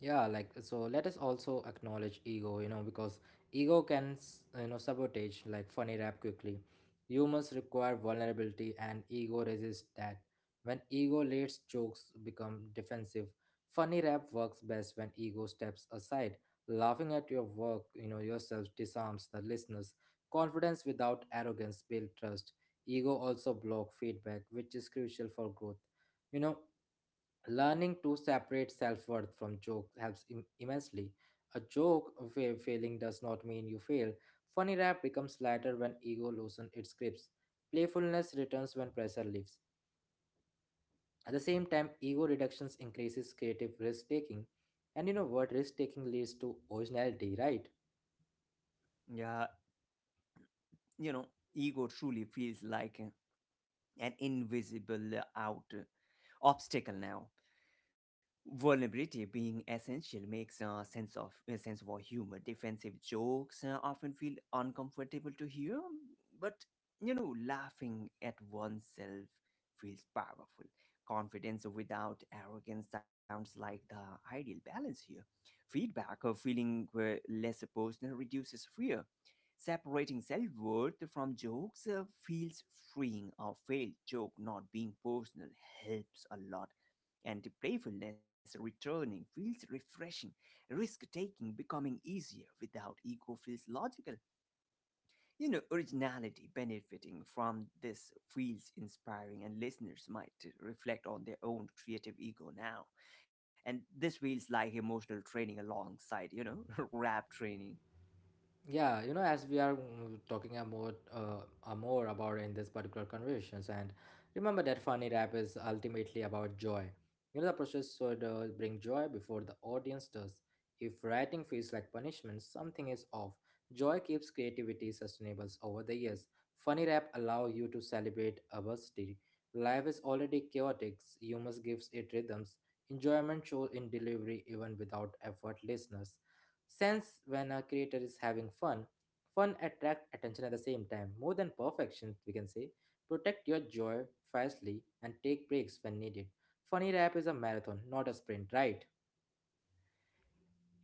Yeah, like, so let us also acknowledge ego, you know, because ego you know, sabotage like funny rap quickly. Humans require vulnerability and ego resists that. When ego leads, jokes become defensive. Funny rap works best when ego steps aside. Laughing at your work, you know, yourself disarms the listeners. Confidence without arrogance build trust. Ego also block feedback, which is crucial for growth, you know. Learning to separate self worth from joke immensely. A joke of failing does not mean you fail. Funny rap becomes lighter when ego loosens its grips. Playfulness returns when pressure lifts. At the same time, ego reductions increases creative risk taking. And you know what? Risk taking leads to originality, right? Yeah, you know, ego truly feels like an invisible out obstacle now. Vulnerability being essential makes a sense for humor. Defensive jokes often feel uncomfortable to hear, but you know, laughing at oneself feels powerful. Confidence without arrogance sounds like the ideal balance here. Feedback or feeling less personal reduces fear. Separating self worth from jokes feels freeing. A failed joke not being personal helps a lot. And playfulness returning feels refreshing. Risk taking becoming easier without ego feels logical. You know, originality benefiting from this feels inspiring, and listeners might reflect on their own creative ego now. And this feels like emotional training alongside, you know, rap training. Yeah, you know, as we are talking about more about in this particular conversations, and remember that funny rap is ultimately about joy. You know, the process should bring joy before the audience does. If writing feels like punishment, something is off. Joy keeps creativity sustainable over the years. Funny rap allow you to celebrate adversity. Life is already chaotic. Humor gives it rhythms. Enjoyment shows in delivery even without effort. Listeners since when a creator is having fun, fun attracts attention at the same time, more than perfection, we can say. Protect your joy fiercely and take breaks when needed. Funny rap is a marathon, not a sprint, right?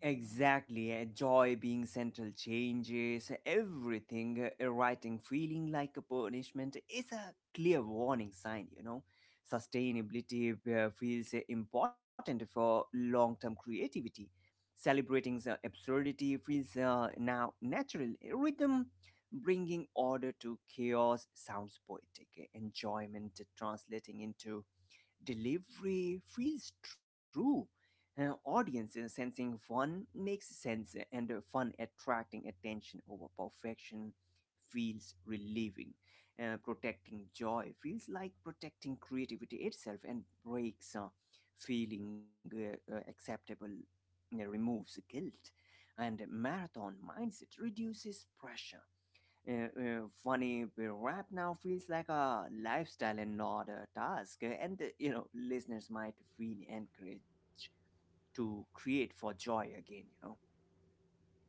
Exactly, joy being central changes everything. A writing feeling like a punishment is a clear warning sign, you know. Sustainability feels important for long term creativity. Celebrating the absurdity feels now natural. Rhythm bringing order to chaos sounds poetic. Enjoyment translating into delivery feels true. Audience sensing fun makes sense, and fun attracting attention over perfection feels relieving. Protecting joy feels like protecting creativity itself, and breaks feeling acceptable, removes guilt. And marathon mindset reduces pressure. Funny but rap now feels like a lifestyle and not a task. And you know, listeners might feel encouraged to create for joy again. You know.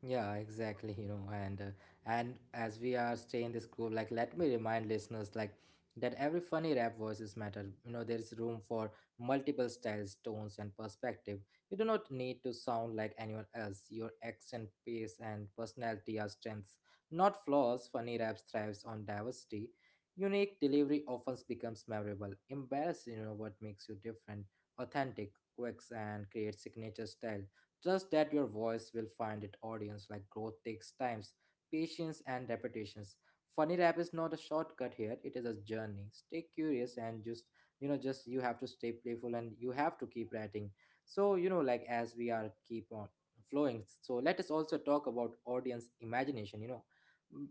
Yeah, exactly, and as we are staying this group, like let me remind listeners like that every funny rap voices matter. You know, there is room for multiple styles, tones, and perspective. You do not need to sound like anyone else. Your accent, pace, and personality are strengths, not flaws. Funny raps thrives on diversity. Unique delivery often becomes memorable. Embrace, you know, what makes you different, authentic, quirks, and create signature style. Trust that your voice will find its audience. Like growth takes times, patience and repetitions. Funny rap is not a shortcut here, it is a journey. Stay curious and just you have to stay playful and you have to keep writing. So, you know, like as we are keep on flowing, so let us also talk about audience imagination, you know.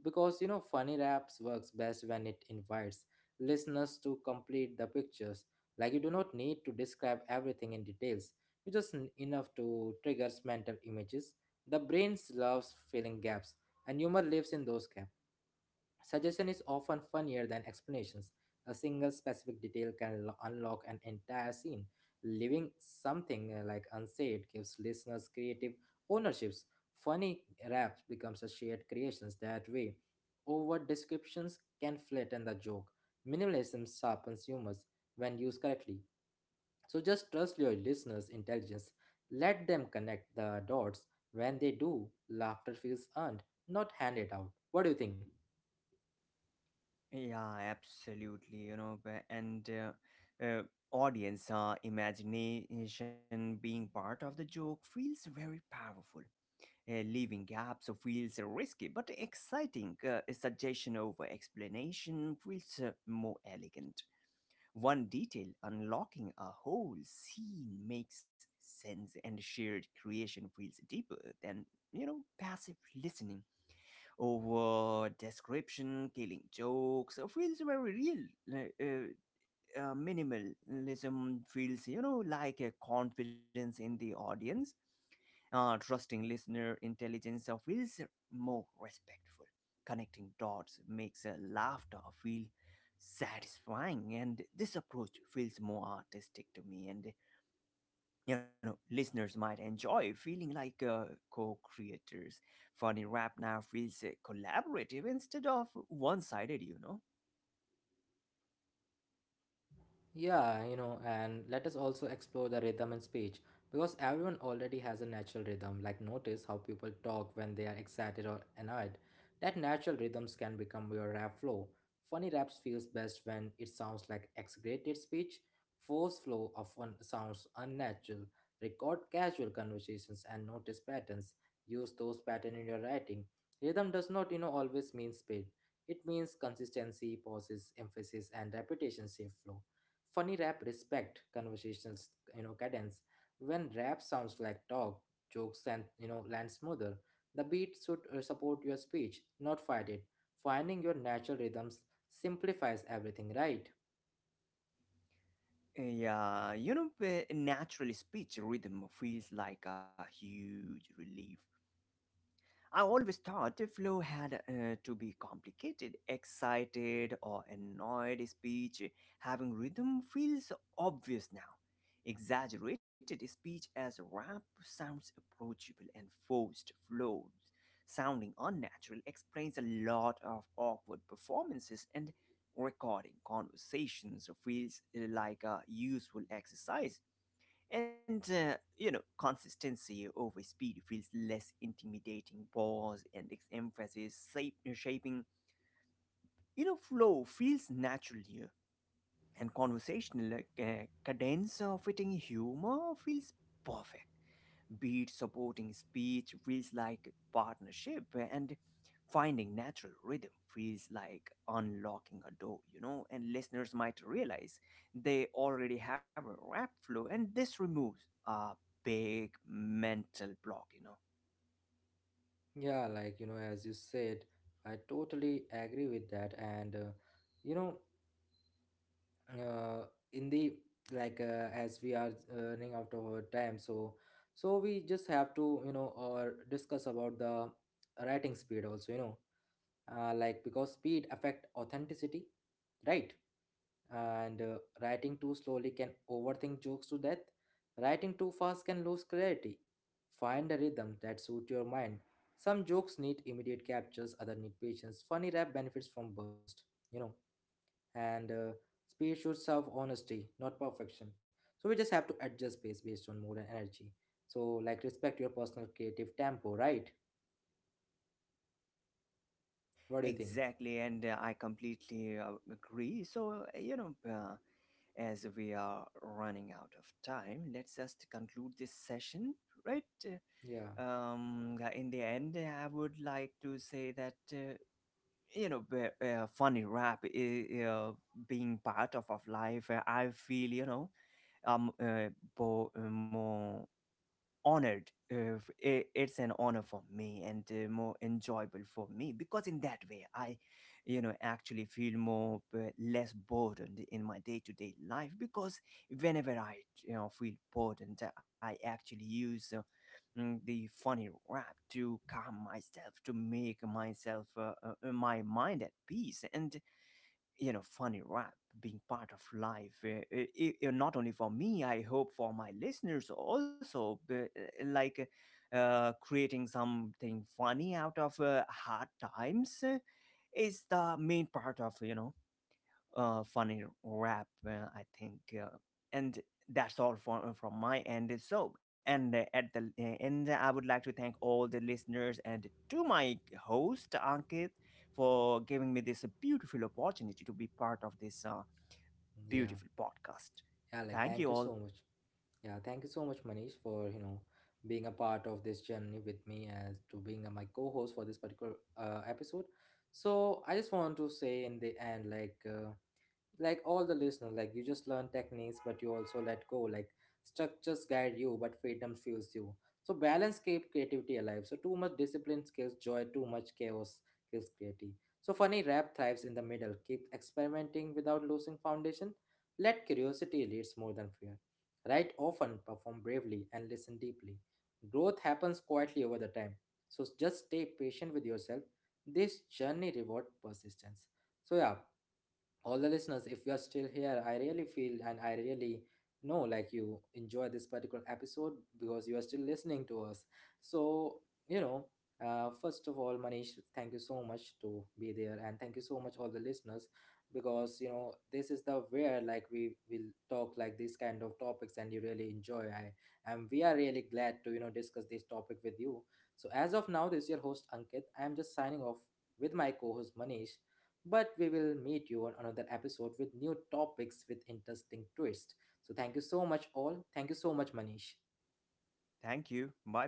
Because, you know, funny raps works best when it invites listeners to complete the pictures. Like, you do not need to describe everything in details, enough to triggers mental images. The brain loves filling gaps, and humor lives in those gaps. Suggestion is often funnier than explanations. A single specific detail can unlock an entire scene. Leaving something like unsaid gives listeners creative ownerships. Funny raps becomes a shared creations that way. Over descriptions can flatten the joke. Minimalism sharpens humors when used correctly. So just trust your listeners' intelligence. Let them connect the dots. When they do, laughter feels earned, not handed out. What do you think? Yeah, absolutely. You know, b- and audience imagination being part of the joke feels very powerful. Leaving gaps feels risky but exciting. Suggestion over explanation feels more elegant. One detail unlocking a whole scene makes sense, and shared creation feels deeper than, you know, passive listening. Over description, killing jokes feels very real. Minimalism feels, you know, like a confidence in the audience. Trusting listener intelligence feels more respectful. Connecting dots makes laughter feel satisfying, and this approach feels more artistic to me, and you know, listeners might enjoy feeling like co-creators. Funny rap now feels collaborative instead of one-sided, you know. Yeah, you know, and let us also explore the rhythm in speech, because everyone already has a natural rhythm. Like, notice how people talk when they are excited or annoyed. That natural rhythms can become your rap flow. Funny raps feels best when it sounds like exaggerated speech. Force flow often sounds unnatural. Record casual conversations and notice patterns. Use those patterns in your writing. Rhythm does not, you know, always mean speed. It means consistency, pauses, emphasis, and repetition safe flow. Funny rap respect conversations, you know, cadence. When rap sounds like talk, jokes, and you know, land smoother. The beat should support your speech, not fight it. Finding your natural rhythms simplifies everything, right? Yeah, you know, naturally speech rhythm feels like a huge relief. I always thought the flow had to be complicated, excited or annoyed speech. Having rhythm feels obvious now. Exaggerated speech as rap sounds approachable, and forced flows, sounding unnatural, explains a lot of awkward performances, and recording conversations feels like a useful exercise, and, you know, consistency over speed feels less intimidating. Pause and emphasis, shaping, you know, flow feels natural here. And conversational cadence of fitting humor feels perfect. Be it supporting speech feels like partnership, and finding natural rhythm feels like unlocking a door, you know, and listeners might realize they already have a rap flow, and this removes a big mental block, you know. Yeah, like, you know, as you said, I totally agree with that. And you know, uh, in the like as we are running out of our time, so we just have to, you know, or discuss about the writing speed also. You know, like because speed affect authenticity, right? and Writing too slowly can overthink jokes to death. Writing too fast can lose clarity. Find a rhythm that suit your mind. Some jokes need immediate captures, other need patience. Funny rap benefits from burst, you know. And Speed should serve honesty, not perfection. So we just have to adjust pace based on mood and energy. So like, respect your personal creative tempo, right? What do you think? Exactly, and I completely agree. So you know, as we are running out of time, let's just conclude this session, right? Yeah. Yeah, in the end I would like to say that you know, funny rap is being part of life. I feel, you know, um uh, more honored. It's an honor for me, and more enjoyable for me, because in that way I, you know, actually feel more less burdened in my day-to-day life, because whenever I, you know, feel burdened, I actually use the funny rap to calm myself, to make myself, my mind at peace. And you know, funny rap being part of life, not only for me, I hope for my listeners also. Like, creating something funny out of hard times is the main part of, you know, funny rap, I think. And that's all from my end. So, and at the end, I would like to thank all the listeners, and to my host Ankit for giving me this beautiful opportunity to be part of this Yeah. beautiful podcast. Yeah, like Thank you thank you all. so much. Yeah, thank you so much, Manish, for, you know, being a part of this journey with me, as to being my co-host for this particular episode. So I just want to say in the end, like. Like all the listener, like you just learn techniques but you also let go. Like, structures guide you but freedom fuels you. So balance keep creativity alive. So too much discipline kills joy, too much chaos kills creativity. So funny rap thrives in the middle. Keep experimenting without losing foundation. Let curiosity leads more than fear. Write often, perform bravely, and listen deeply. Growth happens quietly over the time. So just stay patient with yourself. This journey reward persistence. So yeah, all the listeners, if you are still here, I really feel and I really know like you enjoy this particular episode because you are still listening to us. So, you know, first of all, Manish, thank you so much to be there, and thank you so much all the listeners, because, you know, this is the where like we will talk like these kind of topics and you really enjoy i, and we are really glad to, you know, discuss this topic with you. So as of now, this is your host Ankit, I am just signing off with my co-host Manish, but we will meet you on another episode with new topics, with interesting twist. So thank you so much all. Thank you so much, Manish. Thank you. Bye bye.